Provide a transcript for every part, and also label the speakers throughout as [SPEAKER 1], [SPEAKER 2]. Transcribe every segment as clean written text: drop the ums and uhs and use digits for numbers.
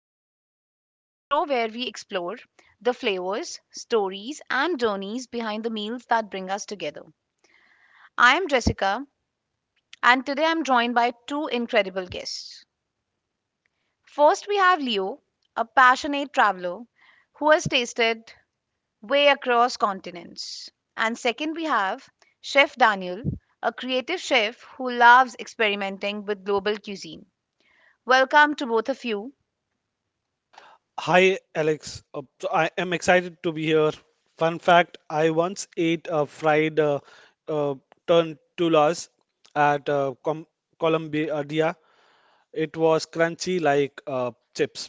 [SPEAKER 1] Adventures, the show where we explore the flavors, stories, and journeys behind the meals that bring us together. I am Jessica, and today I'm joined by two incredible guests. First, we have Leo, a passionate traveler who has tasted way across continents. And second, we have Chef Daniel, a creative chef who loves experimenting with global cuisine. Welcome to both of you.
[SPEAKER 2] Hi, Alex. So I am excited to be here. Fun fact, I once ate a fried uh, tortillas at Com Colombia. It was crunchy like chips.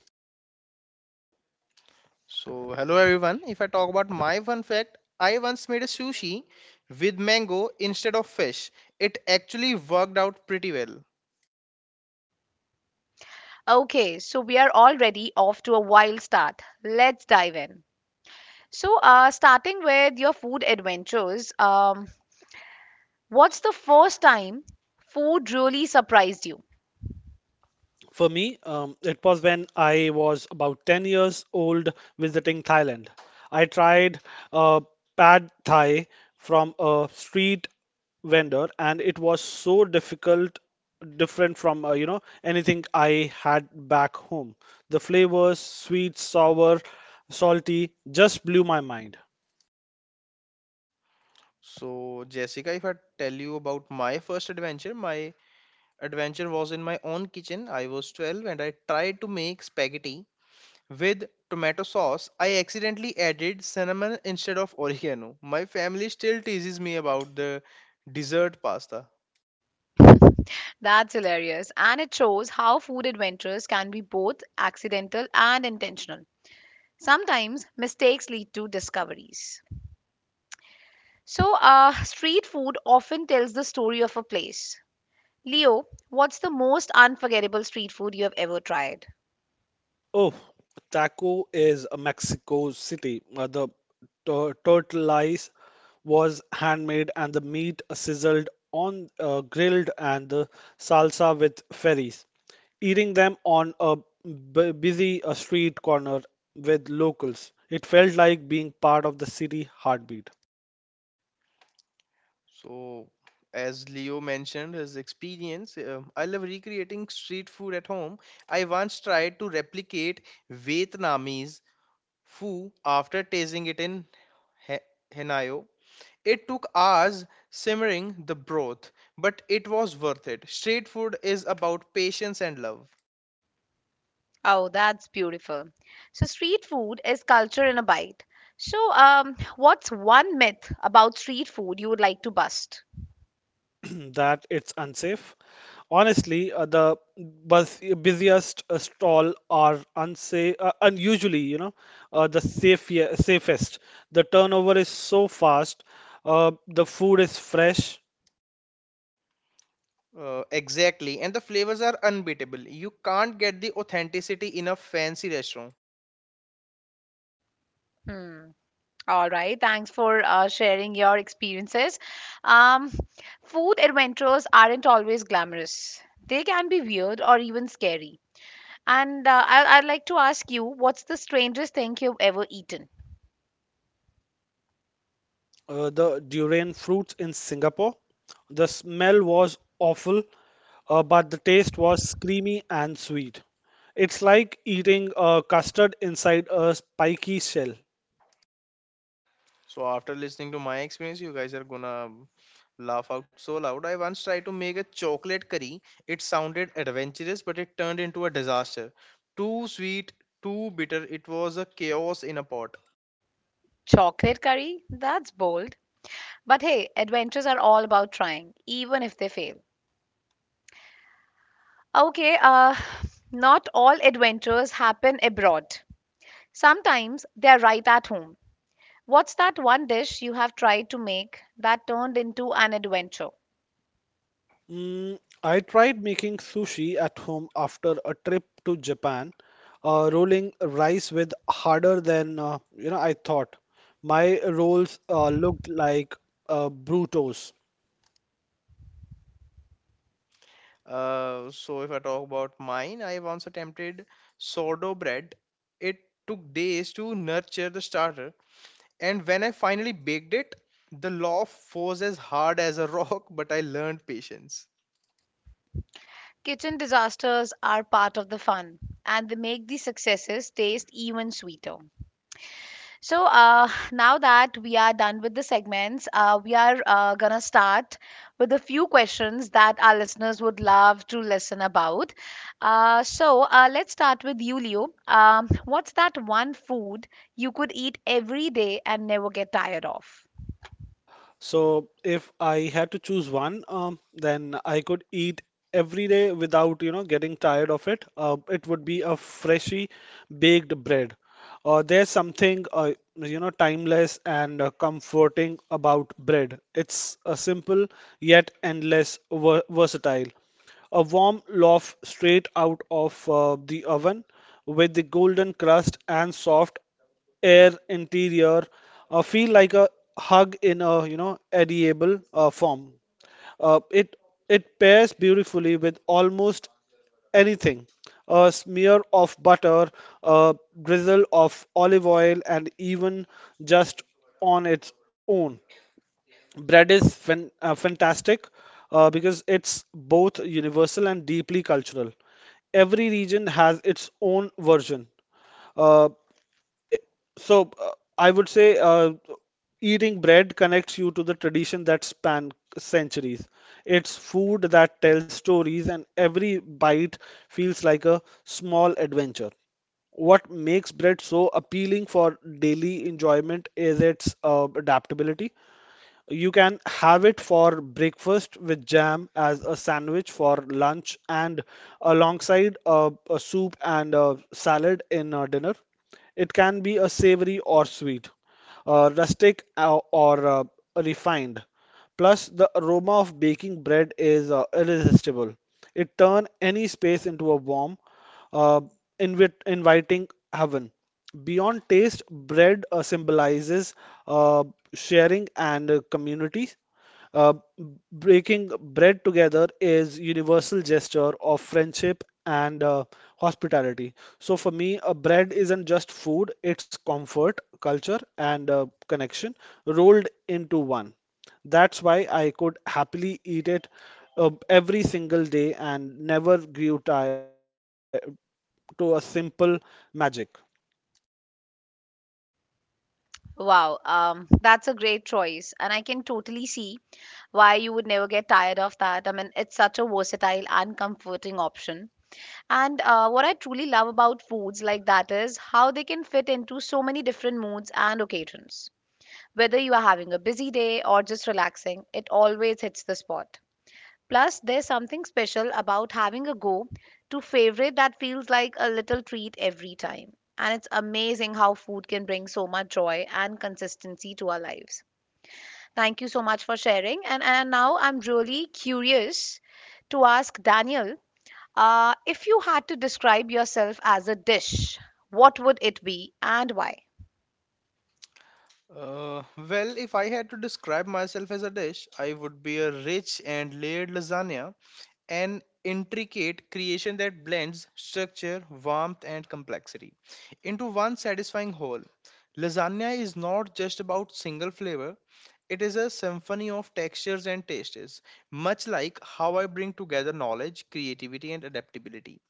[SPEAKER 3] So, hello everyone. If I talk about my fun fact, I once made a sushi with mango instead of fish. It actually worked out pretty well.
[SPEAKER 1] Okay, so we are already off to a wild start. Let's dive in. So, starting with your food adventures, what's the first time food really surprised you?
[SPEAKER 2] For me, it was when I was about 10 years old visiting Thailand. I tried uh, pad thai from a street vendor, and it was so difficult, different from anything I had back home. The flavors, sweet, sour, salty, just blew my mind.
[SPEAKER 3] So, Jessica, if I tell you about my first adventure, my adventure was in my own kitchen. I was 12 and I tried to make spaghetti with tomato sauce. I accidentally added cinnamon instead of oregano. My family still teases me about the dessert pasta.
[SPEAKER 1] That's hilarious. And it shows how food adventures can be both accidental and intentional. Sometimes mistakes lead to discoveries. So, street food often tells the story of a place. Leo, what's the most unforgettable street food you have ever tried?
[SPEAKER 2] Oh, Taco is a Mexico City. The tortillas was handmade and the meat sizzled on grilled and the salsa with ferries, eating them on a busy street corner with locals. It felt like being part of the city heartbeat.
[SPEAKER 3] So, as Leo mentioned his experience, I love recreating street food at home. I once tried to replicate Vietnamese pho after tasting it in He- Hanaio. It took hours simmering the broth, but it was worth it. Street food is about patience and love.
[SPEAKER 1] Oh, that's beautiful. So, street food is culture in a bite. So, what's one myth about street food you would like to bust?
[SPEAKER 2] That it's unsafe. Honestly, the busiest stall are unsafe, unusually, you know, the safest. The turnover is so fast. The food is fresh.
[SPEAKER 3] Exactly, and the flavors are unbeatable. You can't get the authenticity in a fancy restaurant.
[SPEAKER 1] Hmm. All right. Thanks for sharing your experiences. Um, food adventures aren't always glamorous. They can be weird or even scary. And I'd like to ask you, what's the strangest thing you've ever eaten?
[SPEAKER 2] The durian fruits in Singapore. The smell was awful, but the taste was creamy and sweet. It's like eating a custard inside a spiky shell.
[SPEAKER 3] So after listening to my experience, you guys are gonna laugh out so loud. I once tried to make a chocolate curry. It sounded adventurous, but it turned into a disaster. Too sweet, too bitter. It was a chaos in a pot.
[SPEAKER 1] Chocolate curry? That's bold. But hey, adventures are all about trying, even if they fail. Okay, not all adventures happen abroad. Sometimes they are right at home. What's that one dish you have tried to make that turned into an adventure?
[SPEAKER 2] Mm, I tried making sushi at home after a trip to Japan. Rolling rice with harder than I thought. My rolls looked like brutos.
[SPEAKER 3] So if I talk about mine, I once attempted sourdough bread. It took days to nurture the starter, and when I finally baked it, the loaf was as hard as a rock. But I learned patience.
[SPEAKER 1] Kitchen disasters are part of the fun, and they make the successes taste even sweeter. So now that we are done with the segments, we are gonna start with a few questions that our listeners would love to listen about. Let's start with you, Leo. What's that one food you could eat every day and never get tired of?
[SPEAKER 2] So if I had to choose one, then I could eat every day without, you know, getting tired of it. It would be a freshly baked bread. There's something, you know, timeless and comforting about bread. It's a simple yet endless versatile. A warm loaf straight out of the oven with the golden crust and soft air interior feel like a hug in a you know edible form. Uh, it it pairs beautifully with almost anything. A smear of butter, a drizzle of olive oil, and even just on its own. Bread is fantastic because it's both universal and deeply cultural. Every region has its own version. Uh, so uh, I would say eating bread connects you to the tradition that span centuries. It's food that tells stories, and every bite feels like a small adventure. What makes bread so appealing for daily enjoyment is its adaptability. You can have it for breakfast with jam, as a sandwich for lunch, and alongside a soup and a salad in dinner. It can be a savory or sweet, rustic or refined. Plus, the aroma of baking bread is irresistible. It turns any space into a warm, uh, inviting heaven. Beyond taste, bread symbolizes uh, sharing and community. Uh, Breaking bread together is universal gesture of friendship and hospitality. So for me, a bread isn't just food, it's comfort, culture, and connection rolled into one. That's why I could happily eat it every single day and never grew tired to a simple magic.
[SPEAKER 1] Wow, that's a great choice, and I can totally see why you would never get tired of that. I mean, it's such a versatile and comforting option. And what I truly love about foods like that is how they can fit into so many different moods and occasions. Whether you are having a busy day or just relaxing, it always hits the spot. Plus, there's something special about having a go to favorite that feels like a little treat every time. And it's amazing how food can bring so much joy and consistency to our lives. Thank you so much for sharing. And now I'm really curious to ask Daniel if you had to describe yourself as a dish, what would it be and why?
[SPEAKER 3] Uh, well, if I had to describe myself as a dish, I would be a rich and layered lasagna, an intricate creation that blends structure, warmth, and complexity into one satisfying whole. Lasagna is not just about single flavor, it is a symphony of textures and tastes, much like how I bring together knowledge, creativity, and adaptability.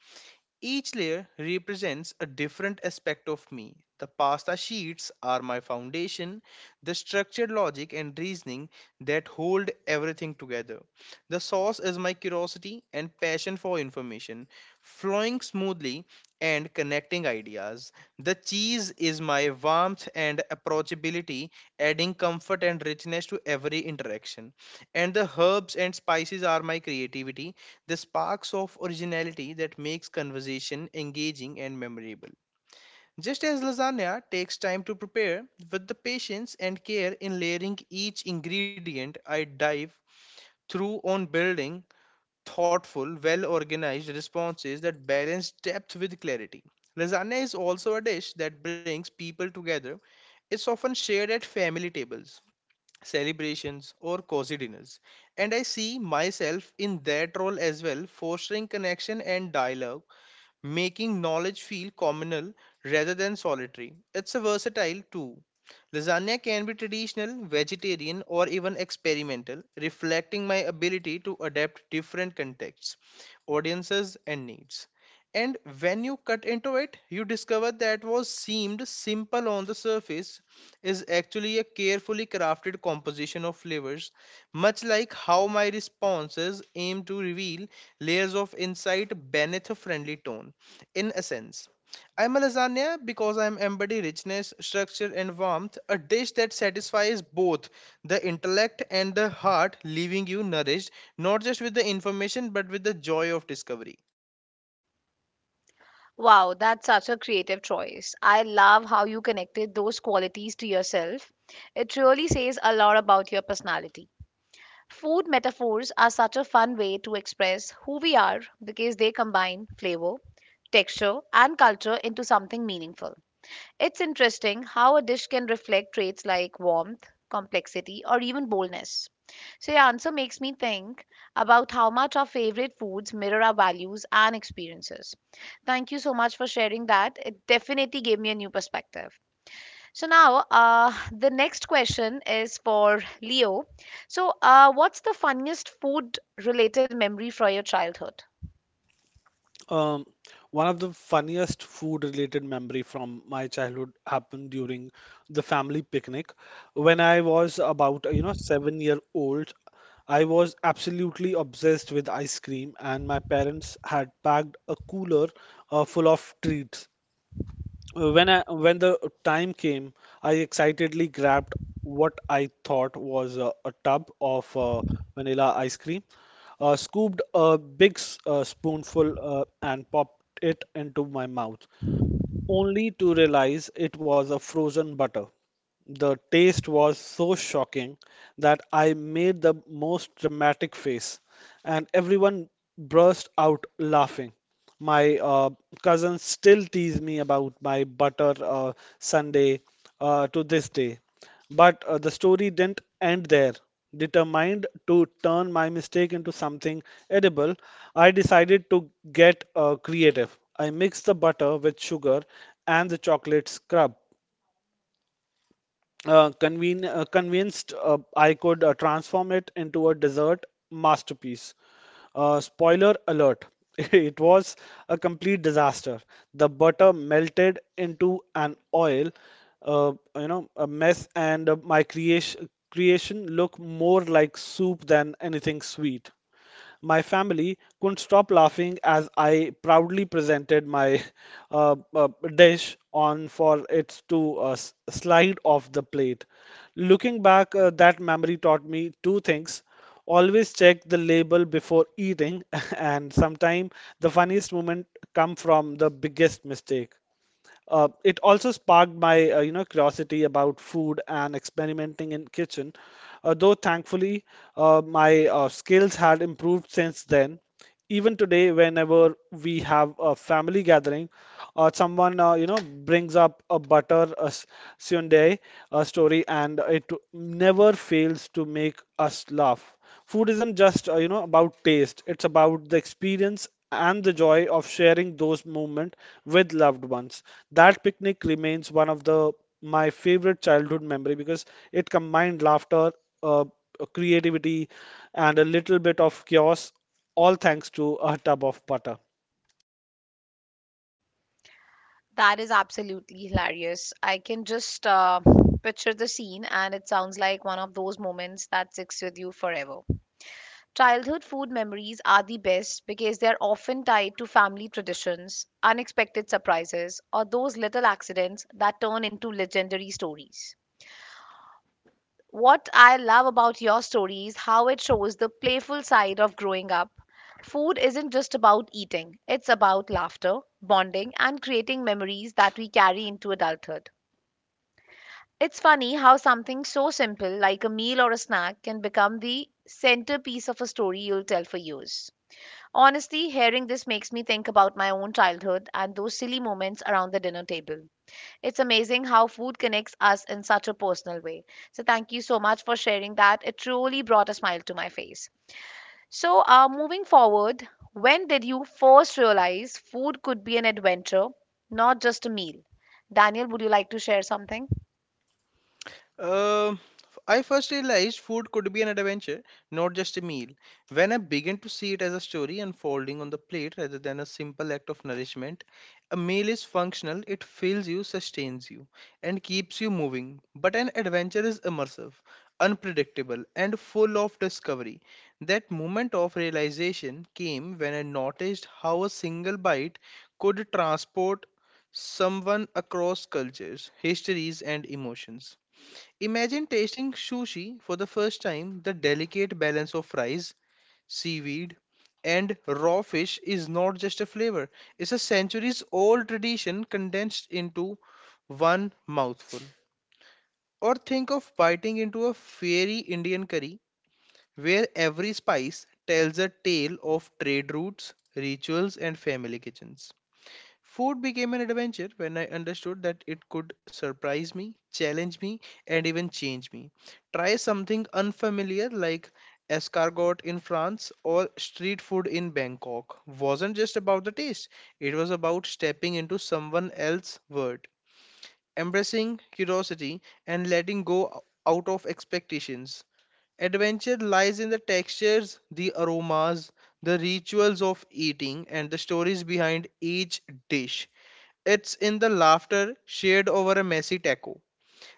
[SPEAKER 3] Each layer represents a different aspect of me. The pasta sheets are my foundation, the structured logic and reasoning that hold everything together. The sauce is my curiosity and passion for information, flowing smoothly and connecting ideas. The cheese is my warmth and approachability, adding comfort and richness to every interaction. And the herbs and spices are my creativity, the sparks of originality that makes conversation engaging and memorable. Just as lasagna takes time to prepare, with the patience and care in layering each ingredient, I dive through on building thoughtful, well organized responses that balance depth with clarity. Lasagna is also a dish that brings people together. It's often shared at family tables, celebrations, or cozy dinners. And I see myself in that role as well, fostering connection and dialogue, making knowledge feel communal rather than solitary. It's a versatile too. Lasagna can be traditional, vegetarian, or even experimental, reflecting my ability to adapt different contexts, audiences, and needs. And when you cut into it, you discover that what seemed simple on the surface is actually a carefully crafted composition of flavors, much like how my responses aim to reveal layers of insight beneath a friendly tone. In essence, I'm a lasagna because I'm embody richness, structure, and warmth, a dish that satisfies both the intellect and the heart, leaving you nourished not just with the information but with the joy of discovery.
[SPEAKER 1] Wow, that's such a creative choice. I love how you connected those qualities to yourself. It really says a lot about your personality. Food metaphors are such a fun way to express who we are because they combine flavor, texture, and culture into something meaningful. It's interesting how a dish can reflect traits like warmth, complexity, or even boldness. So, your answer makes me think about how much our favorite foods mirror our values and experiences. Thank you so much for sharing that. It definitely gave me a new perspective. So, now the next question is for Leo. So, what's the funniest food related memory from your childhood?
[SPEAKER 2] Um, One of the funniest food-related memory from my childhood happened during the family picnic. When I was about, you know, 7 year old, I was absolutely obsessed with ice cream, and my parents had packed a cooler full of treats. When the time came, I excitedly grabbed what I thought was a tub of vanilla ice cream, scooped a big spoonful, and popped it into my mouth, only to realize it was a frozen butter. The taste was so shocking that I made the most dramatic face, and everyone burst out laughing. My cousins still tease me about my butter sundae to this day. But the story didn't end there. Determined to turn my mistake into something edible, I decided to get creative. I mixed the butter with sugar and the chocolate scrub conven convinced I could transform it into a dessert masterpiece. Spoiler alert, it was a complete disaster. The butter melted into an oil, you know, a mess, and my creation looked more like soup than anything sweet. My family couldn't stop laughing as I proudly presented my uh, uh, dish on for it to slide off the plate. Looking back, that memory taught me two things. Always check the label before eating, and sometimes the funniest moment come from the biggest mistake. It also sparked my curiosity about food and experimenting in kitchen. Though thankfully, my skills had improved since then. Even today, whenever we have a family gathering, someone brings up a butter a sundae a story, and it never fails to make us laugh. Food isn't just about taste; it's about the experience and the joy of sharing those moments with loved ones. That picnic remains one of the my favorite childhood memory because it combined laughter, uh, creativity, and a little bit of chaos, all thanks to a tub of butter.
[SPEAKER 1] That is absolutely hilarious. I can just picture the scene, and it sounds like one of those moments that sticks with you forever. Childhood food memories are the best because they're often tied to family traditions, unexpected surprises, or those little accidents that turn into legendary stories. What I love about your story is how it shows the playful side of growing up. Food isn't just about eating, it's about laughter, bonding, and creating memories that we carry into adulthood. It's funny how something so simple like a meal or a snack can become the centerpiece of a story you'll tell for years. Honestly, hearing this makes me think about my own childhood and those silly moments around the dinner table. It's amazing how food connects us in such a personal way. So, thank you so much for sharing that. It truly brought a smile to my face. So, moving forward, when did you first realize food could be an adventure, not just a meal? Daniel, would you like to share something?
[SPEAKER 3] Um, I first realized food could be an adventure, not just a meal, when I began to see it as a story unfolding on the plate rather than a simple act of nourishment. A meal is functional, it fills you, sustains you, and keeps you moving. But an adventure is immersive, unpredictable, and full of discovery. That moment of realization came when I noticed how a single bite could transport someone across cultures, histories, and emotions. Imagine tasting sushi for the first time. The delicate balance of fries, seaweed, and raw fish is not just a flavor, it's a centuries old tradition condensed into one mouthful. Or think of biting into a fiery Indian curry where every spice tells a tale of trade routes, rituals, and family kitchens. Food became an adventure when I understood that it could surprise me, challenge me, and even change me. Try something unfamiliar like escargot in France or street food in Bangkok. Wasn't just about the taste, it was about stepping into someone else's world, embracing curiosity, and letting go out of expectations. Adventure lies in the textures, the aromas, the rituals of eating, and the stories behind each dish. It's in the laughter shared over a messy taco,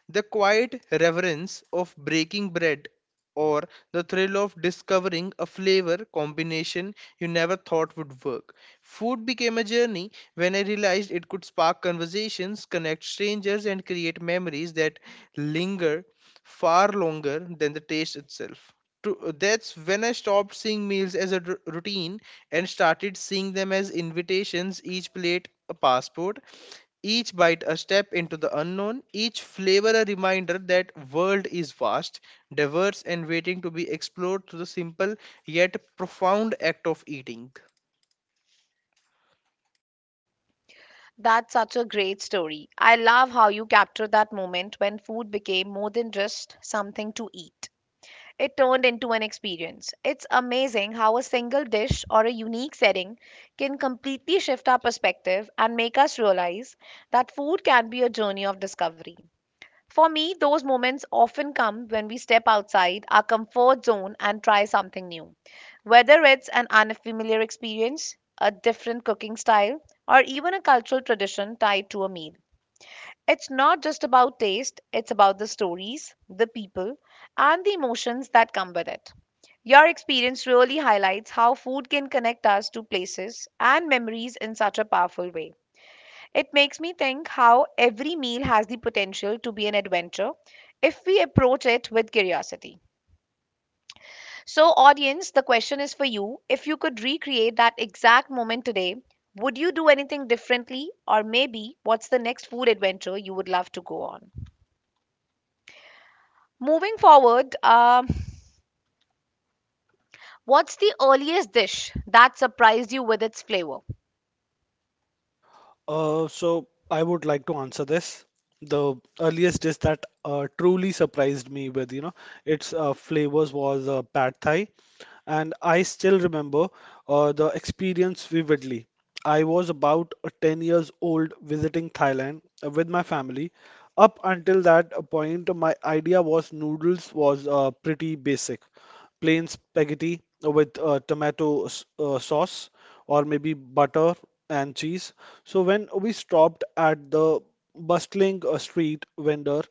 [SPEAKER 3] the quiet reverence of breaking bread, or the thrill of discovering a flavor combination you never thought would work. Food became a journey when I realized it could spark conversations, connect strangers, and create memories that linger far longer than the taste itself. To, that's when I stopped seeing meals as a routine and started seeing them as invitations, each plate a passport, each bite a step into the unknown, each flavor a reminder that world is vast, diverse and waiting to be explored through the simple yet profound act of eating.
[SPEAKER 1] That's such a great story. I love how you capture that moment when food became more than just something to eat. It turned into an experience. It's amazing how a single dish or a unique setting can completely shift our perspective and make us realize that food can be a journey of discovery. For me, those moments often come when we step outside our comfort zone and try something new. Whether it's an unfamiliar experience, a different cooking style, or even a cultural tradition tied to a meal. It's not just about taste, it's about the stories, the people, and the emotions that come with it. Your experience really highlights how food can connect us to places and memories in such a powerful way. It makes me think how every meal has the potential to be an adventure if we approach it with curiosity. So, audience, the question is for you. If you could recreate that exact moment today, would you do anything differently? Or maybe what's the next food adventure you would love to go on? Moving forward, what's the earliest dish that surprised you with its flavor?
[SPEAKER 2] So I would like to answer this. The earliest dish that truly surprised me with, you know, its flavors was pad thai, and I still remember the experience vividly. I was about 10 years old visiting Thailand with my family. Up until that point, my idea was noodles was pretty basic plain spaghetti with tomato sauce or maybe butter and cheese. So when we stopped at the bustling street vendor,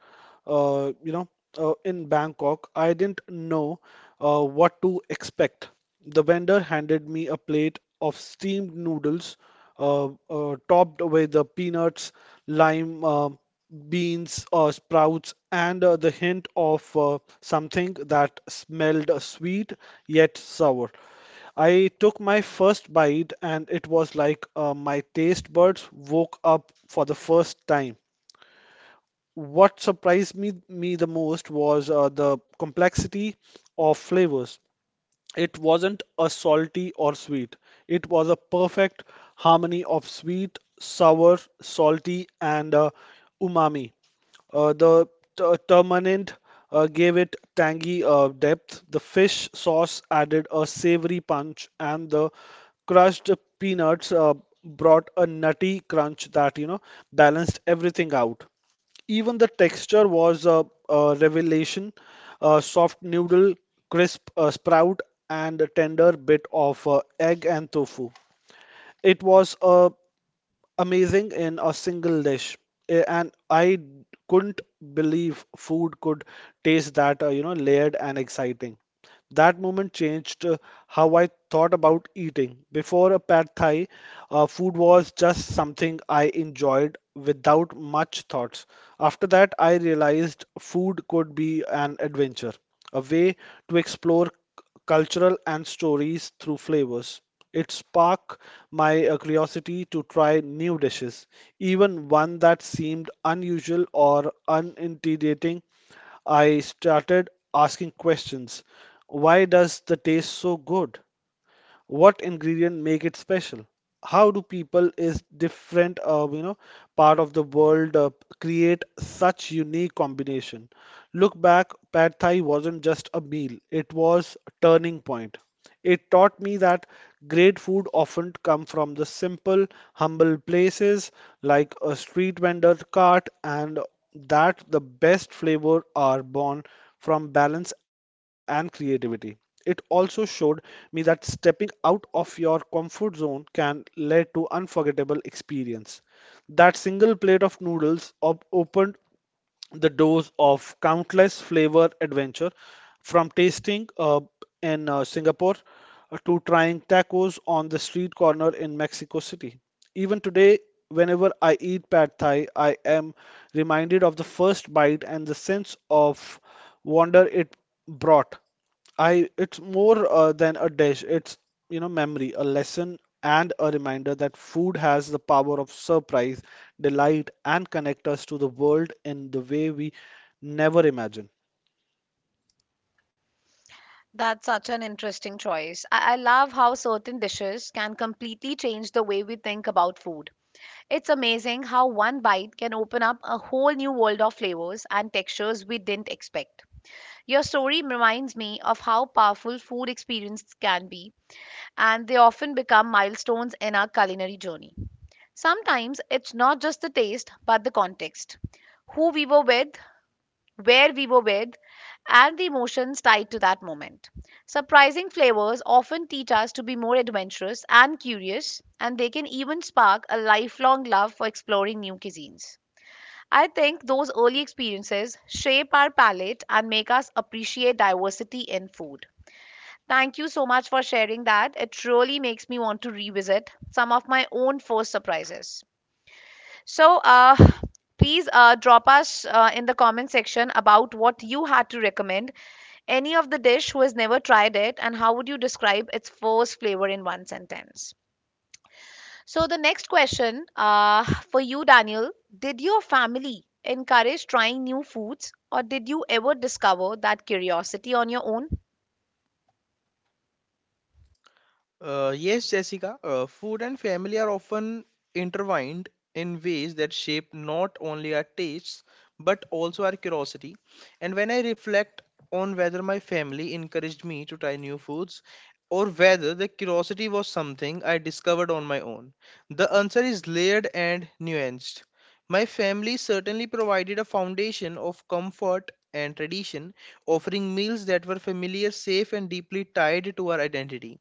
[SPEAKER 2] uh, you know, in Bangkok, I didn't know what to expect. The vendor handed me a plate of steamed noodles, topped with the peanuts, lime, beans, sprouts, and the hint of something that smelled sweet yet sour. I took my first bite, and it was like my taste buds woke up for the first time. What surprised me the most was the complexity of flavors. It wasn't a salty or sweet, it was a perfect harmony of sweet, sour, salty, and umami. The tamarind gave it tangy depth. The fish sauce added a savory punch, and the crushed peanuts brought a nutty crunch that, you know, balanced everything out. Even the texture was a revelation, a soft noodle, crisp sprout, and a tender bit of egg and tofu. It was amazing in a single dish, and I couldn't believe food could taste that, layered and exciting. That moment changed how I thought about eating. Before a pad thai, food was just something I enjoyed without much thoughts. After that, I realized food could be an adventure, a way to explore cultural and stories through flavors. It sparked my curiosity to try new dishes, even one that seemed unusual or unintimidating. I started asking questions. Why does the taste so good? What ingredient make it special? How do people is different part of the world create such unique combination? Look back, pad thai wasn't just a meal, it was a turning point. It taught me that great food often come from the simple humble places like a street vendor cart, and that the best flavor are born from balance and creativity. It also showed me that stepping out of your comfort zone can lead to unforgettable experience. That single plate of noodles opened the doors of countless flavor adventure, from tasting in Singapore to trying tacos on the street corner in Mexico City. Even today, whenever I eat pad thai, I am reminded of the first bite and the sense of wonder it brought. I it's more than a dish. It's, you know, memory, a lesson and a reminder that food has the power of surprise, delight, and connect us to the world in the way we never imagine.
[SPEAKER 1] That's such an interesting choice. I love how certain dishes can completely change the way we think about food. It's amazing how one bite can open up a whole new world of flavors and textures we didn't expect. Your story reminds me of how powerful food experiences can be, and they often become milestones in our culinary journey. Sometimes it's not just the taste, but the context who we were with, where we were with, and the emotions tied to that moment. Surprising flavors often teach us to be more adventurous and curious, and they can even spark a lifelong love for exploring new cuisines. I think those early experiences shape our palate and make us appreciate diversity in food. Thank you so much for sharing that. It truly makes me want to revisit some of my own first surprises. So, please drop us in the comment section about what you had to recommend. Any of the dish who has never tried it, and how would you describe its first flavor in one sentence? So, the next question for you, Daniel. Did your family encourage trying new foods, or did you ever discover that curiosity on your own?
[SPEAKER 3] Yes, Jessica, food and family are often intertwined in ways that shape not only our tastes but also our curiosity. And when I reflect on whether my family encouraged me to try new foods or whether the curiosity was something I discovered on my own, the answer is layered and nuanced. My family certainly provided a foundation of comfort and tradition, offering meals that were familiar, safe, and deeply tied to our identity.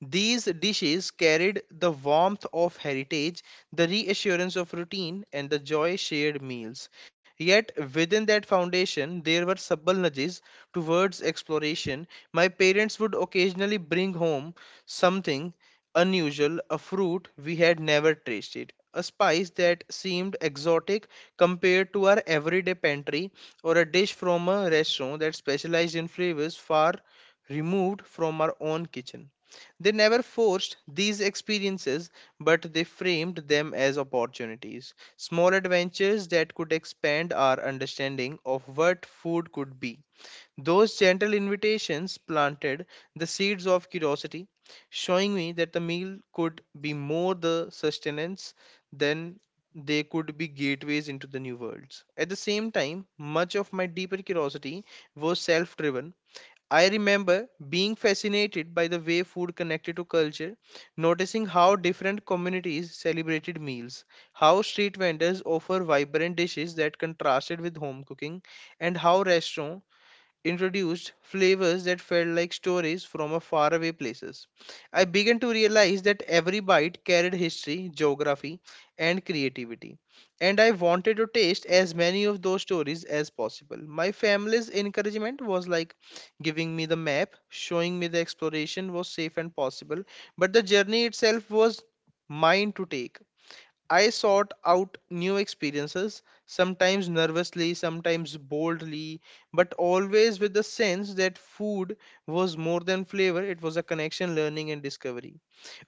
[SPEAKER 3] These dishes carried the warmth of heritage, the reassurance of routine, and the joy shared meals. Yet, within that foundation, there were subtle nudges towards exploration. My parents would occasionally bring home something unusual, a fruit we had never tasted, a spice that seemed exotic compared to our everyday pantry, or a dish from a restaurant that specialized in flavors far removed from our own kitchen. They never forced these experiences, but they framed them as opportunities, small adventures that could expand our understanding of what food could be. Those gentle invitations planted the seeds of curiosity, showing me that the meal could be more the sustenance than they could be gateways into the new worlds. At the same time, much of my deeper curiosity was self driven. I remember being fascinated by the way food connected to culture, noticing how different communities celebrated meals, how street vendors offer vibrant dishes that contrasted with home cooking, and how restaurants introduced flavors that felt like stories from a faraway places. I began to realize that every bite carried history, geography, and creativity, and I wanted to taste as many of those stories as possible. My family's encouragement was like giving me the map, showing me the exploration was safe and possible, but the journey itself was mine to take. I sought out new experiences, sometimes nervously, sometimes boldly, but always with the sense that food was more than flavor, it was a connection, learning, and discovery.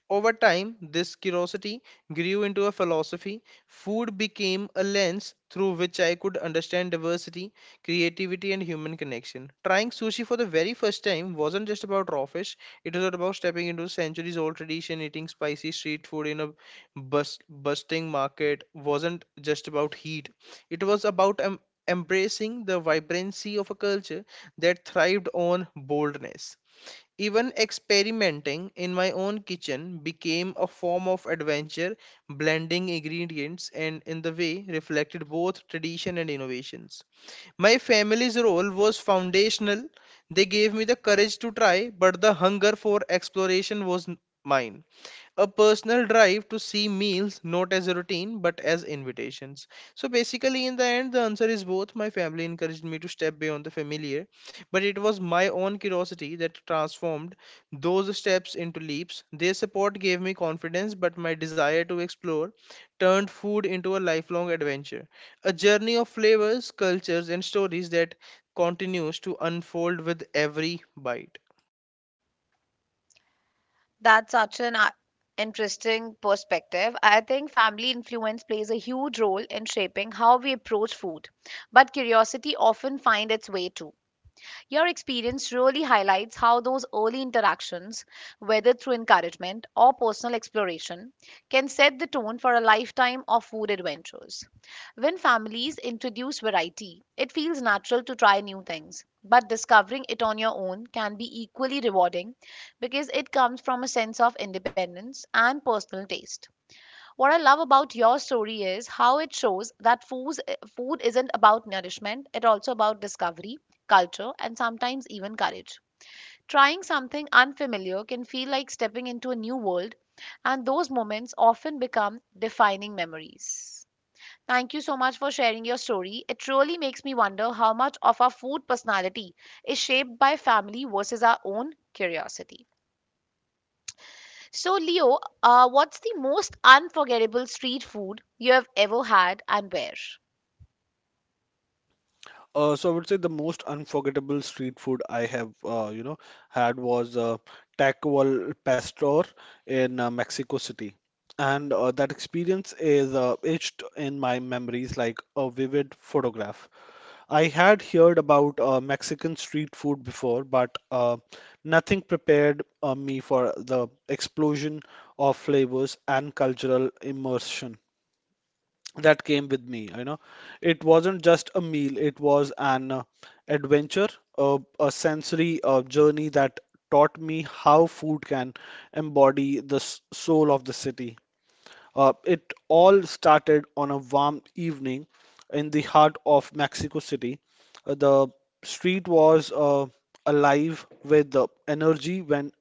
[SPEAKER 3] Over time, this curiosity grew into a philosophy. Food became a lens through which I could understand diversity, creativity, and human connection. Trying sushi for the very first time wasn't just about raw fish, it was about stepping into centuries old tradition, eating spicy street food in a busting market wasn't just about heat, it was about embracing the vibrancy of a culture that thrived on boldness. Even experimenting in my own kitchen became a form of adventure, blending ingredients and in the way reflected both tradition and innovations. My family's role was foundational. They gave me the courage to try, but the hunger for exploration was mine, a personal drive to see meals not as a routine but as invitations. So basically in the end the answer is both: my family encouraged me to step beyond the familiar, but it was my own curiosity that transformed those steps into leaps. Their support gave me confidence, but my desire to explore turned food into a lifelong adventure, a journey of flavors, cultures and stories that continues to unfold with every bite.
[SPEAKER 1] That's such an interesting perspective. I think family influence plays a huge role in shaping how we approach food, but curiosity often finds its way too. Your experience really highlights how those early interactions, whether through encouragement or personal exploration, can set the tone for a lifetime of food adventures. When families introduce variety, it feels natural to try new things, but discovering it on your own can be equally rewarding because it comes from a sense of independence and personal taste. What I love about your story is how it shows that food isn't about nourishment, it's also about discovery, culture, and sometimes even courage. Trying something unfamiliar can feel like stepping into a new world, and those moments often become defining memories. Thank you so much for sharing your story. It truly makes me wonder how much of our food personality is shaped by family versus our own curiosity. So, Leo, what's the most unforgettable street food you have ever had and where?
[SPEAKER 2] So I would say the most unforgettable street food I have, had was Taco al Pastor in Mexico City. And that experience is etched in my memories like a vivid photograph. I had heard about Mexican street food before, but nothing prepared me for the explosion of flavors and cultural immersion that came with me. You know, it wasn't just a meal; it was an adventure, a sensory journey that taught me how food can embody the soul of the city. It all started on a warm evening in the heart of Mexico City. The street was alive with the energy when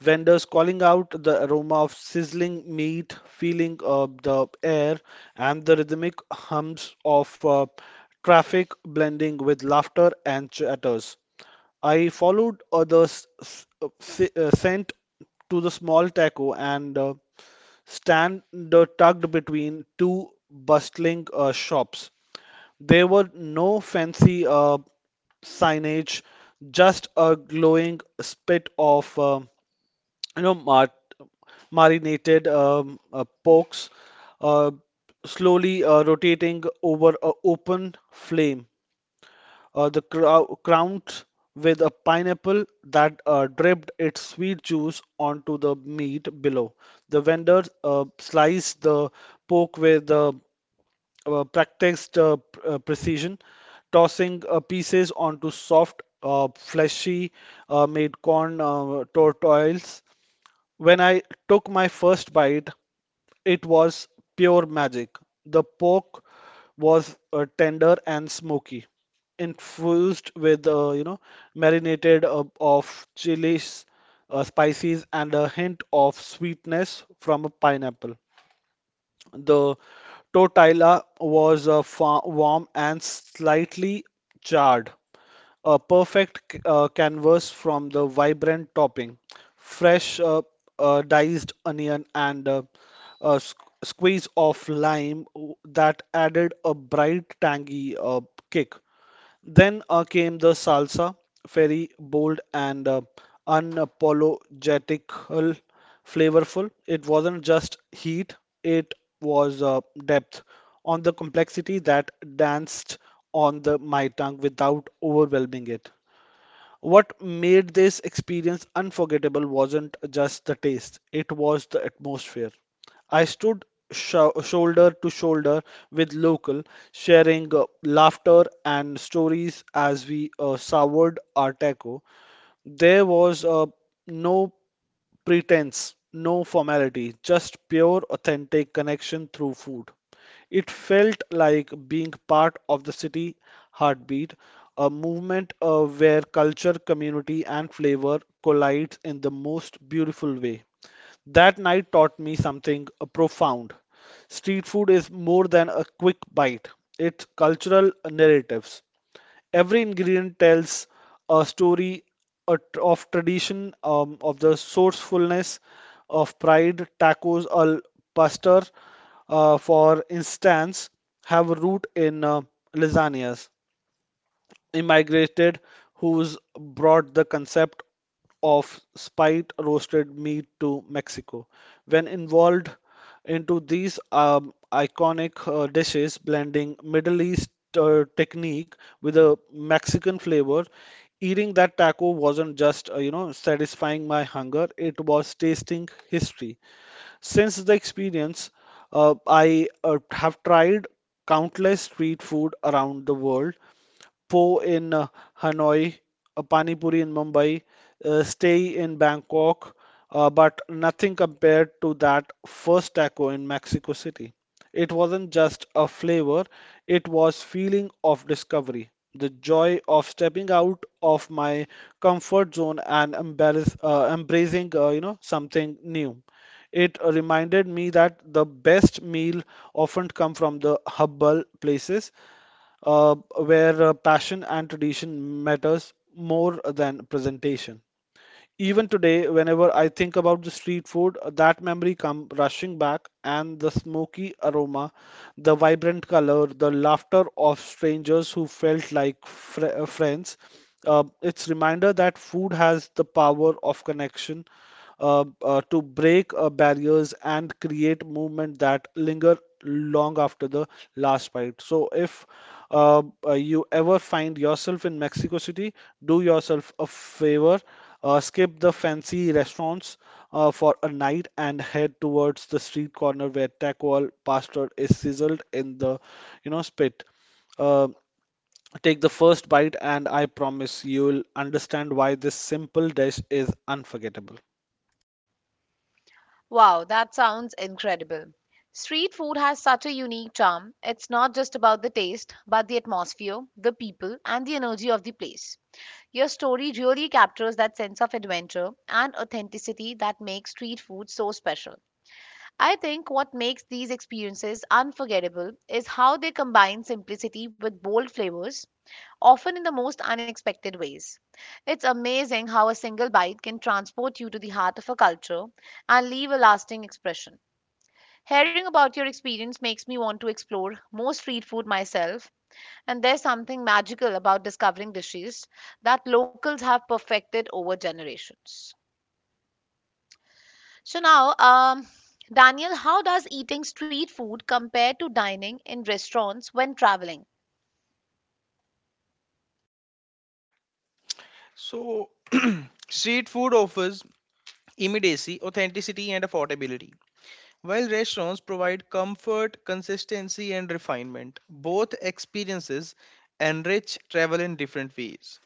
[SPEAKER 2] vendors calling out the aroma of sizzling meat, feeling the air, and the rhythmic hums of traffic blending with laughter and chatters. I followed others' scent to the small taco and stand tucked between two bustling shops. There were no fancy signage, just a glowing spit of you know mar- marinated porks uh, slowly rotating over a open flame, the crowned with a pineapple that dripped its sweet juice onto the meat below. The vendor sliced the pork with practiced precision, tossing pieces onto soft, fleshy, made corn tortillas when I took my first bite, it was pure magic. The pork was tender and smoky, infused with marinated of chilies, spices, and a hint of sweetness from a pineapple. The tortilla was warm and slightly charred, a perfect canvas from the vibrant topping, fresh diced onion, and a squeeze of lime that added a bright, tangy kick. Then came the salsa, very bold and unapologetic, flavorful. It wasn't just heat, it was depth on the complexity that danced on the my tongue without overwhelming it. What made this experience unforgettable wasn't just the taste, it was the atmosphere. I stood shoulder to shoulder with local, sharing laughter and stories as we soured our taco. There was no pretense, no formality, just pure, authentic connection through food. It felt like being part of the city heartbeat, a movement where culture, community, and flavor collide in the most beautiful way. That night taught me something profound. Street food is more than a quick bite, it's cultural narratives. Every ingredient tells a story a of tradition, of the sourcefulness, of pride. Tacos al pastor, for instance, have a root in lasagnas immigrated who's brought the concept of spiced roasted meat to Mexico. When involved into these iconic dishes, blending Middle East technique with a Mexican flavor, eating that taco wasn't just satisfying my hunger; it was tasting history. Since the experience, I have tried countless street food around the world, po in Hanoi, a pani puri in Mumbai, stay in Bangkok, but nothing compared to that first taco in Mexico City. It wasn't just a flavor, it was feeling of discovery, the joy of stepping out of my comfort zone and embracing, something new. It reminded me that the best meal often come from the humble places where passion and tradition matters more than presentation. Even today, whenever I think about the street food, that memory comes rushing back, and the smoky aroma, the vibrant color, the laughter of strangers who felt like friends. It's reminder that food has the power of connection to break barriers and create movement that linger long after the last bite. So if you ever find yourself in Mexico City, do yourself a favor. Skip the fancy restaurants for a night and head towards the street corner where taco al pastor is sizzled in the, you know, spit. Uh, Take the first bite, and I promise you'll understand why this simple dish is unforgettable.
[SPEAKER 1] Wow, that sounds incredible. Street food has such a unique charm. It's not just about the taste, but the atmosphere, the people, and the energy of the place. Your story really captures that sense of adventure and authenticity that makes street food so special. I think what makes these experiences unforgettable is how they combine simplicity with bold flavors often in the most unexpected ways. It's amazing how a single bite can transport you to the heart of a culture and leave a lasting impression. Hearing about your experience makes me want to explore more street food myself, and there's something magical about discovering dishes that locals have perfected over generations. So now, Daniel, how does eating street food compare to dining in restaurants when traveling?
[SPEAKER 3] So street food offers immediacy, authenticity, and affordability. While restaurants provide comfort, consistency, and refinement, both experiences enrich travel in different ways.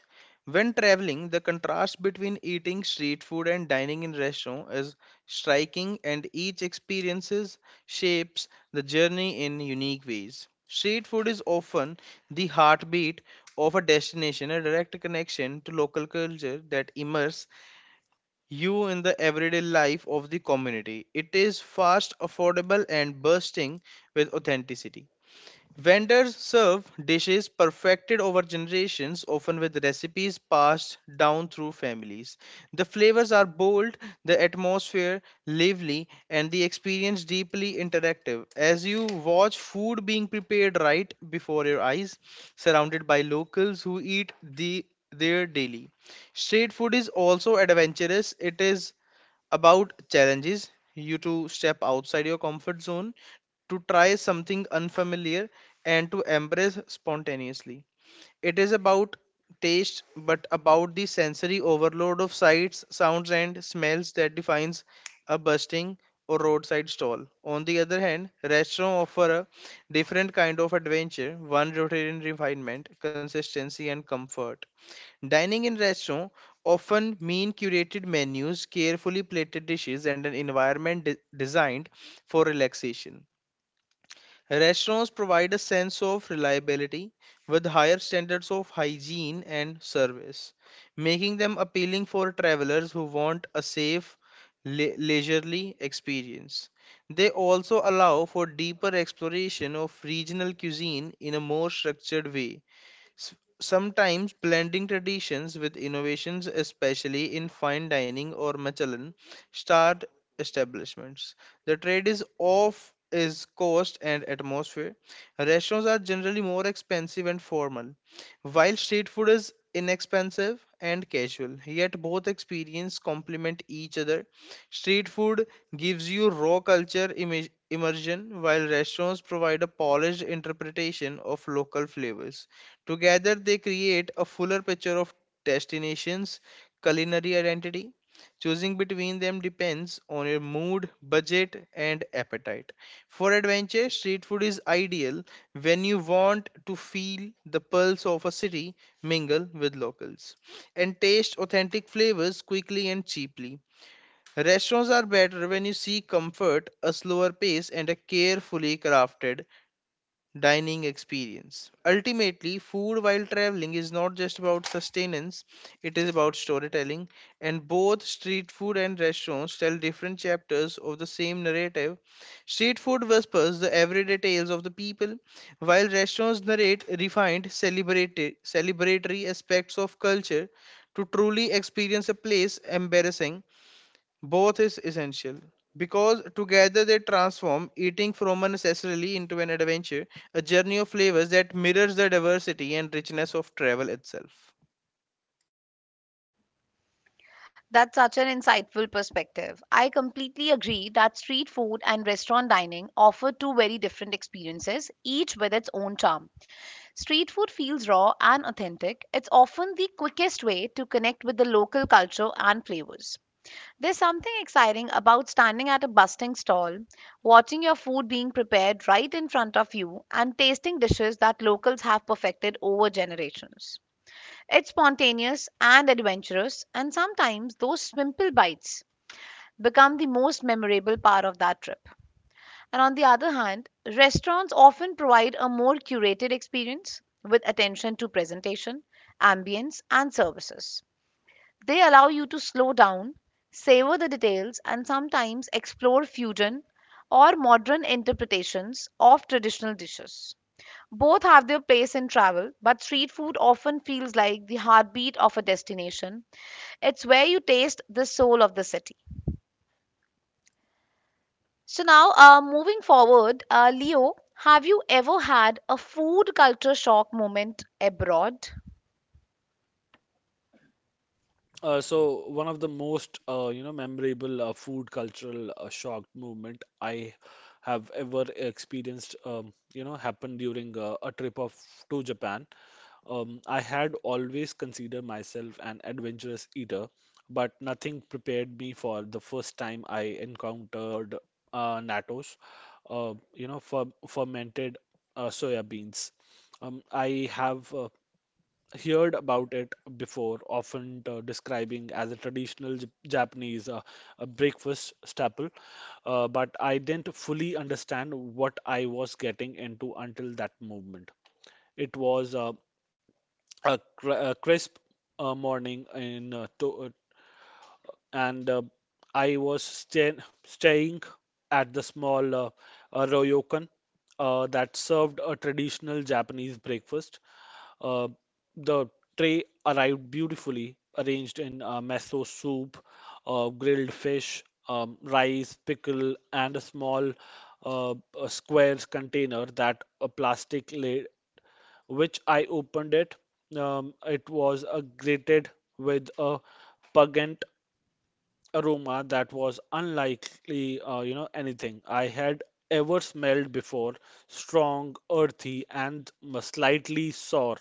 [SPEAKER 3] When traveling, the contrast between eating street food and dining in restaurant is striking, and each experiences shapes the journey in unique ways. Street food is often the heartbeat of a destination, a direct connection to local culture that immerses you in the everyday life of the community. It is fast, affordable, and bursting with authenticity. Vendors serve dishes perfected over generations, often with recipes passed down through families. The flavors are bold, the atmosphere lively, and the experience deeply interactive. As you watch food being prepared right before your eyes, surrounded by locals who eat the there daily. Street food is also adventurous. It is about challenges you to step outside your comfort zone to try something unfamiliar and to embrace spontaneously it is about taste but about the sensory overload of sights, sounds, and smells that defines a busting or roadside stall. On the other hand, restaurants offer a different kind of adventure, one rooted in refinement, consistency, and comfort. Dining in restaurants often mean curated menus, carefully plated dishes, and an environment designed for relaxation. Restaurants provide a sense of reliability with higher standards of hygiene and service, making them appealing for travelers who want a safe, leisurely experience. They also allow for deeper exploration of regional cuisine in a more structured way, S- sometimes blending traditions with innovations, especially in fine dining or Michelin starred establishments. The trade is off is cost and atmosphere. Restaurants are generally more expensive and formal, while street food is inexpensive and casual. Yet both experience complement each other. Street food gives you raw culture image immersion, while restaurants provide a polished interpretation of local flavors. Together, they create a fuller picture of destinations' culinary identity. Choosing between them depends on your mood, budget, and appetite. For adventure, street food is ideal when you want to feel the pulse of a city, mingle with locals, and taste authentic flavors quickly and cheaply. Restaurants are better when you seek comfort, a slower pace, and a carefully crafted dining experience. Ultimately, food while traveling is not just about sustenance, it is about storytelling, and both street food and restaurants tell different chapters of the same narrative. Street food whispers the everyday tales of the people, while restaurants narrate refined celebratory aspects of culture. To truly experience a place, embarrassing both is essential because together they transform eating from a necessarily into an adventure, a journey of flavors that mirrors the diversity and richness of travel itself.
[SPEAKER 1] That's such an insightful perspective. I completely agree that street food and restaurant dining offer two very different experiences, each with its own charm. Street food feels raw and authentic. It's often the quickest way to connect with the local culture and flavors. There's something exciting about standing at a bustling stall, watching your food being prepared right in front of you, and tasting dishes that locals have perfected over generations. It's spontaneous and adventurous, and sometimes those simple bites become the most memorable part of that trip. And on the other hand, restaurants often provide a more curated experience with attention to presentation, ambience, and services. They allow you to slow down, savor the details, and sometimes explore fusion or modern interpretations of traditional dishes. Both have their place in travel, but street food often feels like the heartbeat of a destination, it's where you taste the soul of the city. So now, moving forward, Leo, have you ever had a food culture shock moment abroad?
[SPEAKER 2] So one of the most memorable food cultural shock movement I have ever experienced happened during a trip of to Japan. I had always considered myself an adventurous eater, but nothing prepared me for the first time I encountered nattos, fermented soya beans. I have. Heard about it before, often describing as a traditional Japanese breakfast staple, but I didn't fully understand what I was getting into until that movement. It was a crisp morning in to and I was staying at the small ryokan that served a traditional Japanese breakfast. Uh, the tray arrived beautifully arranged in miso soup, grilled fish, rice, pickle, and a small uh, a square container that a plastic lid, which I opened it. It was grated with a pungent aroma that was unlikely, anything I had ever smelled before. Strong, earthy, and slightly sour.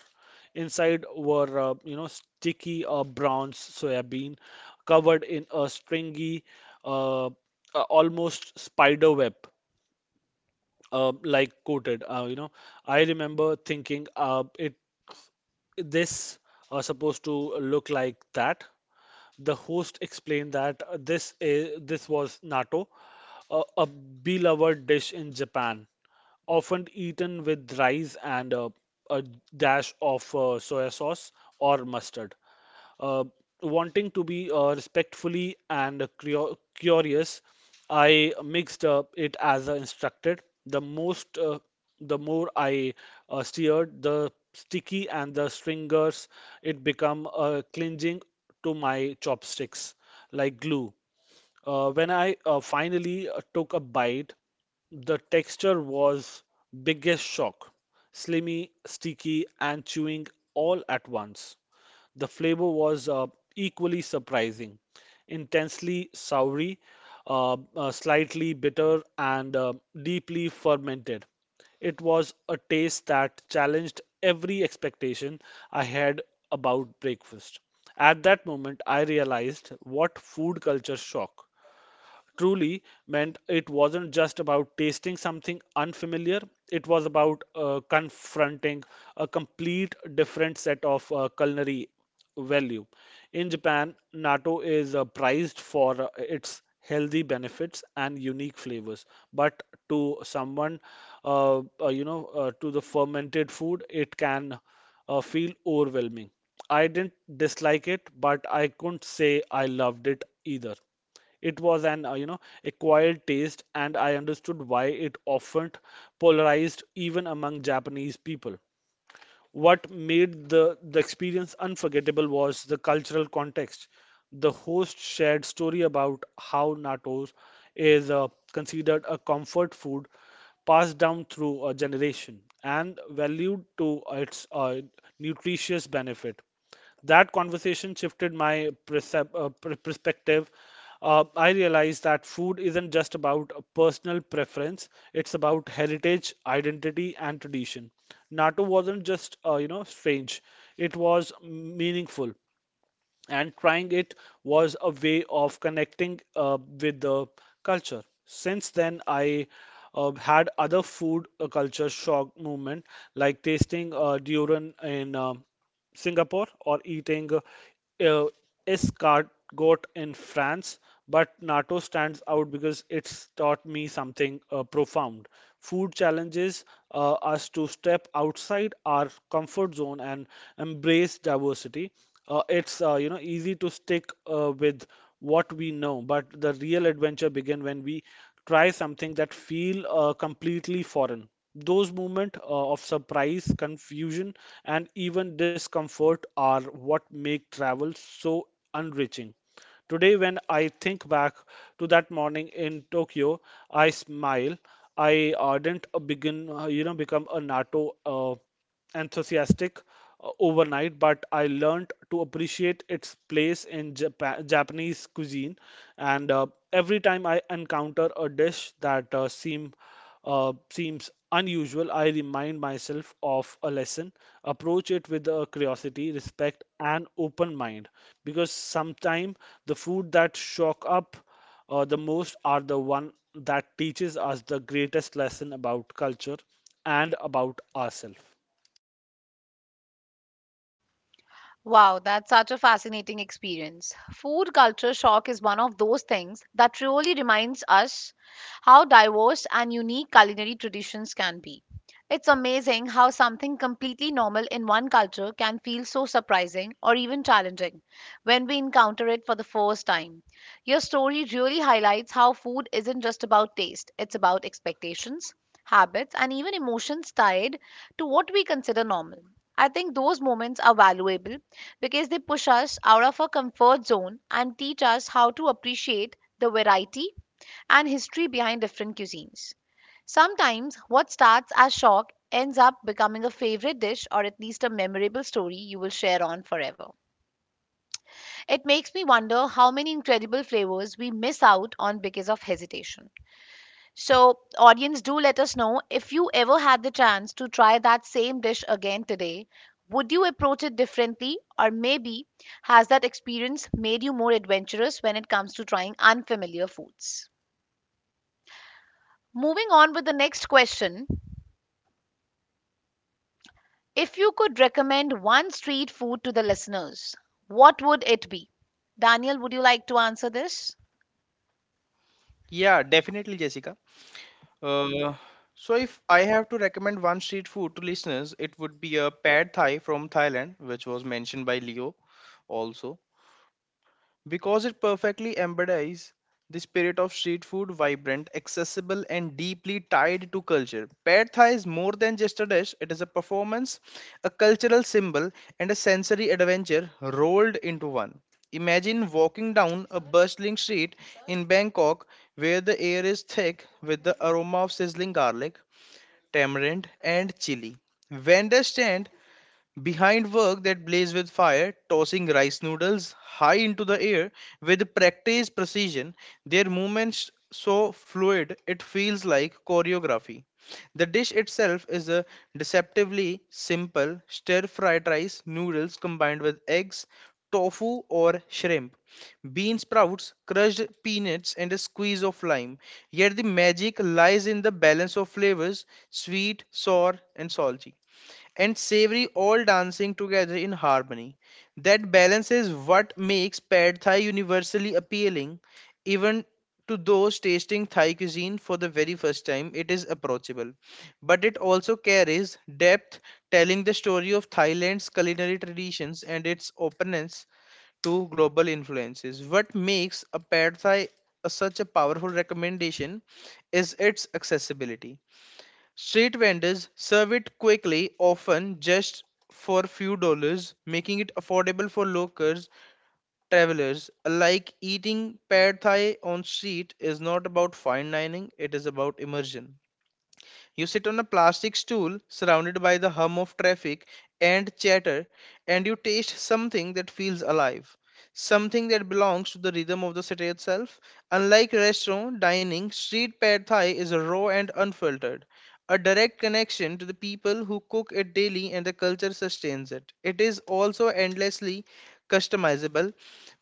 [SPEAKER 2] Inside were, sticky brown soybean covered in a stringy, almost spider web, like coated. I remember thinking, it this supposed to look like that. The host explained that this was natto, a beloved dish in Japan, often eaten with rice and a dash of soya sauce or mustard. Uh, Wanting to be respectfully and curious, I mixed it as instructed. The more I stirred, the sticky and the stringers it become clinging to my chopsticks like glue. When I finally took a bite, the texture was biggest shock. Slimy, sticky, and chewing all at once. The flavor was equally surprising, intensely soury, slightly bitter, and deeply fermented. It was a taste that challenged every expectation I had about breakfast. At that moment, I realized what food culture shock truly meant it wasn't just about tasting something unfamiliar, it was about confronting a complete different set of culinary value. In Japan, natto is prized for its healthy benefits and unique flavors, but to someone, to the fermented food, it can feel overwhelming. I didn't dislike it, but I couldn't say I loved it either. It was an, acquired taste, and I understood why it often polarized even among Japanese people. What made the experience unforgettable was the cultural context. The host shared story about how natto is considered a comfort food passed down through a generation and valued to its nutritious benefit. That conversation shifted my perspective. I realized that food isn't just about a personal preference, it's about heritage, identity, and tradition. Natto wasn't just, strange, it was meaningful and trying it was a way of connecting with the culture. Since then, I had other food culture shock movement like tasting durian in Singapore or eating uh, is Gargot in France, but NATO stands out because it's taught me something profound. Food challenges us to step outside our comfort zone and embrace diversity. It's easy to stick with what we know, but the real adventure begins when we try something that feel completely foreign those moments of surprise, confusion, and even discomfort are what make travel so enriching. Today, when I think back to that morning in Tokyo, I smile. I didn't become a NATO. Enthusiastic overnight, but I learned to appreciate its place in Japanese cuisine. And every time I encounter a dish that seems unusual, I remind myself of a lesson. Approach it with curiosity, respect, and open mind, because sometimes the food that shock up the most are the one that teaches us the greatest lesson about culture and about ourselves.
[SPEAKER 1] Wow, that's such a fascinating experience. Food culture shock is one of those things that really reminds us how diverse and unique culinary traditions can be. It's amazing how something completely normal in one culture can feel so surprising or even challenging when we encounter it for the first time. Your story really highlights how food isn't just about taste, it's about expectations, habits, and even emotions tied to what we consider normal. I think those moments are valuable because they push us out of our comfort zone and teach us how to appreciate the variety and history behind different cuisines. Sometimes what starts as shock ends up becoming a favorite dish or at least a memorable story you will share on forever. It makes me wonder how many incredible flavors we miss out on because of hesitation. So, audience, do let us know if you ever had the chance to try that same dish again today. Would you approach it differently, or maybe has that experience made you more adventurous when it comes to trying unfamiliar foods? Moving on with the next question. If you could recommend one street food to the listeners, what would it be? Daniel, would you like to answer this?
[SPEAKER 3] Yeah, definitely, Jessica. Uh, if I have to recommend one street food to listeners, it would be a pad thai from Thailand, which was mentioned by Leo also, because it perfectly embodies the spirit of street food, vibrant, accessible, and deeply tied to culture. Pad thai is more than just a dish, it is a performance, a cultural symbol, and a sensory adventure rolled into one. Imagine walking down a bustling street in Bangkok where the air is thick with the aroma of sizzling garlic, tamarind, and chili. Vendors stand behind work that blaze with fire, tossing rice noodles high into the air with practiced precision, their movements so fluid it feels like choreography. The dish itself is a deceptively simple stir-fried rice noodles combined with eggs, tofu or shrimp, bean sprouts, crushed peanuts, and a squeeze of lime. Yet the magic lies in the balance of flavors, sweet, sour, and salty, and savory, all dancing together in harmony. That balance is what makes pad thai universally appealing, even to those tasting Thai cuisine for the very first time. It is approachable, but it also carries depth, telling the story of Thailand's culinary traditions and its openness to global influences. What makes a pad thai such a powerful recommendation is its accessibility. Street vendors serve it quickly, often just for few dollars, making it affordable for locals, travelers. Like eating pad thai on street is not about fine dining, it is about immersion. You sit on a plastic stool surrounded by the hum of traffic and chatter, and you taste something that feels alive, something that belongs to the rhythm of the city itself. Unlike restaurant dining, street pad thai is raw and unfiltered, a direct connection to the people who cook it daily and the culture sustains it. It is also endlessly customizable.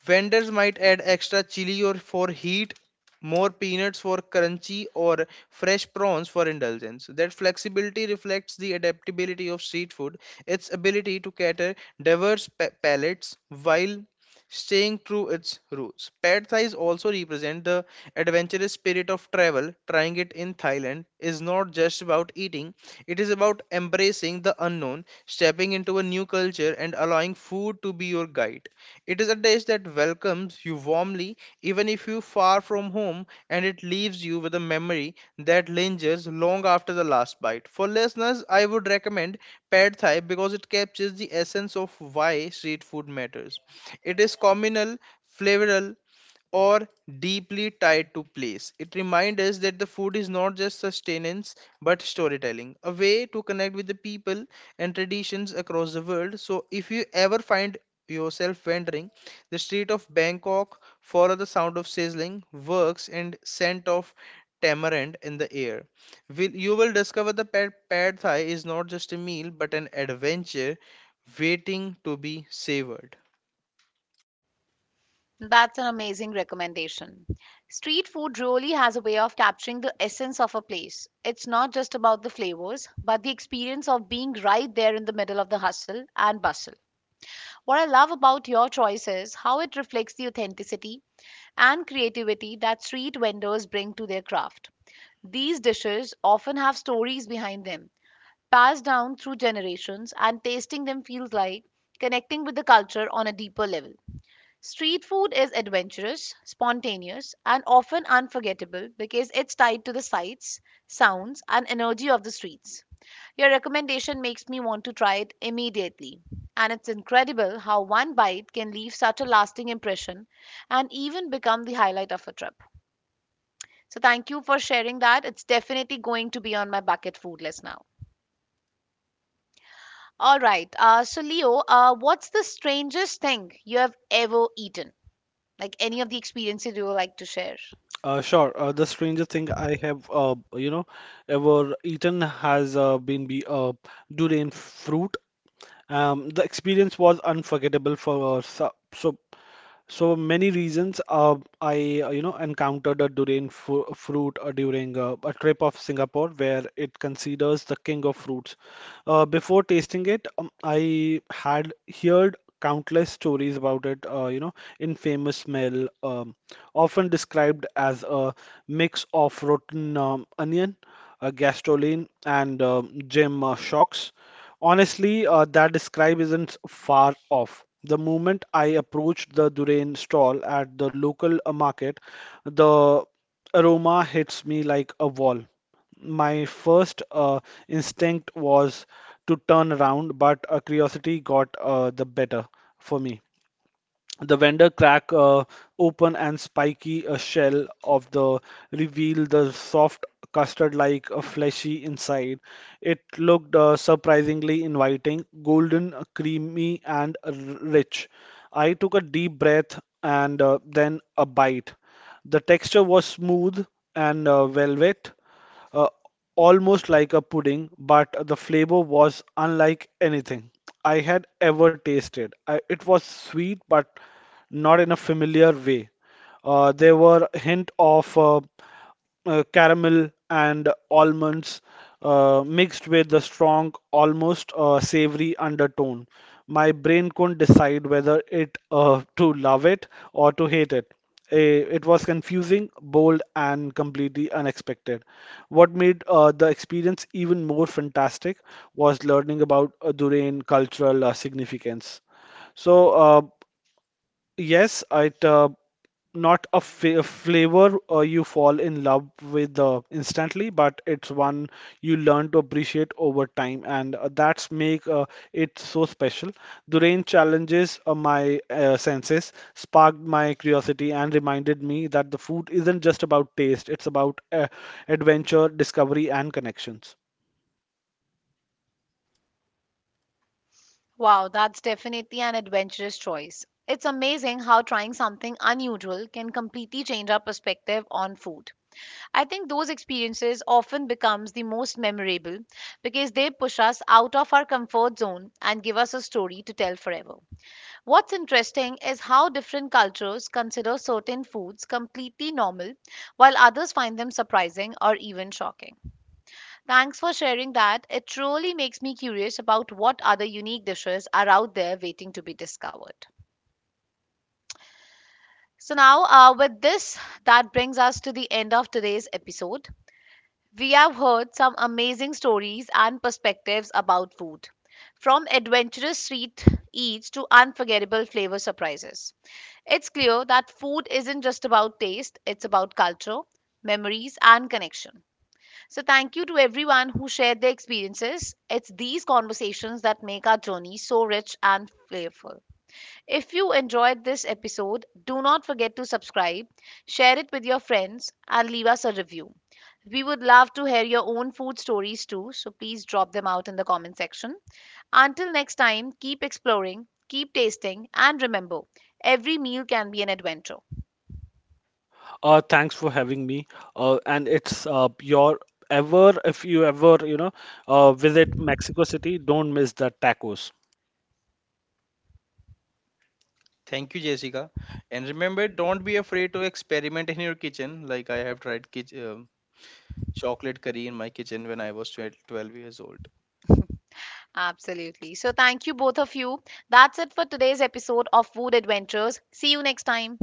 [SPEAKER 3] Vendors might add extra chili or for heat, more peanuts for crunchy, or fresh prawns for indulgence. That flexibility reflects the adaptability of street food, its ability to cater diverse palates while staying true its roots. Pad Thais also represent the adventurous spirit of travel. Trying it in Thailand is not just about eating, it is about embracing the unknown, stepping into a new culture, and allowing food to be your guide. It is a dish that welcomes you warmly even if you're far from home, and it leaves you with a memory that lingers long after the last bite. For listeners, I would recommend pad thai because it captures the essence of why street food matters. It is communal, flavoral, or deeply tied to place. It reminds us that the food is not just sustenance but storytelling, a way to connect with the people and traditions across the world. So, if you ever find yourself wandering the street of Bangkok, follow the sound of sizzling works and scent of tamarind in the air. Will you will discover the pad thai is not just a meal but an adventure waiting to be savored.
[SPEAKER 1] That's an amazing recommendation. Street food really has a way of capturing the essence of a place. It's not just about the flavors, but the experience of being right there in the middle of the hustle and bustle. What I love about your choice is how it reflects the authenticity and creativity that street vendors bring to their craft. These dishes often have stories behind them, passed down through generations, and tasting them feels like connecting with the culture on a deeper level. Street food is adventurous, spontaneous, and often unforgettable because it's tied to the sights, sounds, and energy of the streets. Your recommendation makes me want to try it immediately. And it's incredible how one bite can leave such a lasting impression and even become the highlight of a trip. So, thank you for sharing that. It's definitely going to be on my bucket food list now. All right. So, Leo, what's the strangest thing you have ever eaten? Like any of the experiences you would like to share?
[SPEAKER 2] Sure. The strangest thing I have, ever eaten has been be durian fruit. The experience was unforgettable for so many reasons. I encountered a durian fu fruit during a trip of Singapore, where it considers the king of fruits. Before tasting it, I had heard countless stories about it, infamous smell, often described as a mix of rotten onion, gasoline, and gem shocks. Honestly, that describe isn't far off. The moment I approached the durian stall at the local market, the aroma hits me like a wall. My first instinct was to turn around, but curiosity got the better for me. The vendor cracked open and spiky shell of the revealed the soft custard-like fleshy inside. It looked surprisingly inviting, golden, creamy, and rich. I took a deep breath and then a bite. The texture was smooth and velvet uh, almost like a pudding, but the flavor was unlike anything I had ever tasted. It was sweet, but not in a familiar way. There were hint of caramel and almonds mixed with the strong, almost savory undertone. My brain couldn't decide whether it to love it or to hate it. It was confusing, bold, and completely unexpected. What made the experience even more fantastic was learning about Durain cultural significance. So, uh, Yes, it not a fa flavor you fall in love with instantly, but it's one you learn to appreciate over time, and that's make it so special. Durain challenges my senses, sparked my curiosity, and reminded me that the food isn't just about taste; it's about adventure, discovery, and connections.
[SPEAKER 1] Wow, that's definitely an adventurous choice. It's amazing how trying something unusual can completely change our perspective on food. I think those experiences often becomes the most memorable because they push us out of our comfort zone and give us a story to tell forever. What's interesting is how different cultures consider certain foods completely normal while others find them surprising or even shocking. Thanks for sharing that. It truly makes me curious about what other unique dishes are out there waiting to be discovered. So, now with this, that brings us to the end of today's episode. We have heard some amazing stories and perspectives about food, from adventurous street eats to unforgettable flavor surprises. It's clear that food isn't just about taste, it's about culture, memories, and connection. So, thank you to everyone who shared their experiences. It's these conversations that make our journey so rich and flavorful. If you enjoyed this episode, do not forget to subscribe, share it with your friends, and leave us a review. We would love to hear your own food stories too, so please drop them out in the comment section. Until next time, keep exploring, keep tasting, and remember every meal can be an adventure.
[SPEAKER 2] Thanks for having me. And it's your ever if you ever visit Mexico City, don't miss the tacos.
[SPEAKER 3] Thank you, Jessica. And remember, don't be afraid to experiment in your kitchen. Like I have tried chocolate curry in my kitchen when I was 12 years old.
[SPEAKER 1] Absolutely. So, thank you, both of you. That's it for today's episode of Food Adventures. See you next time.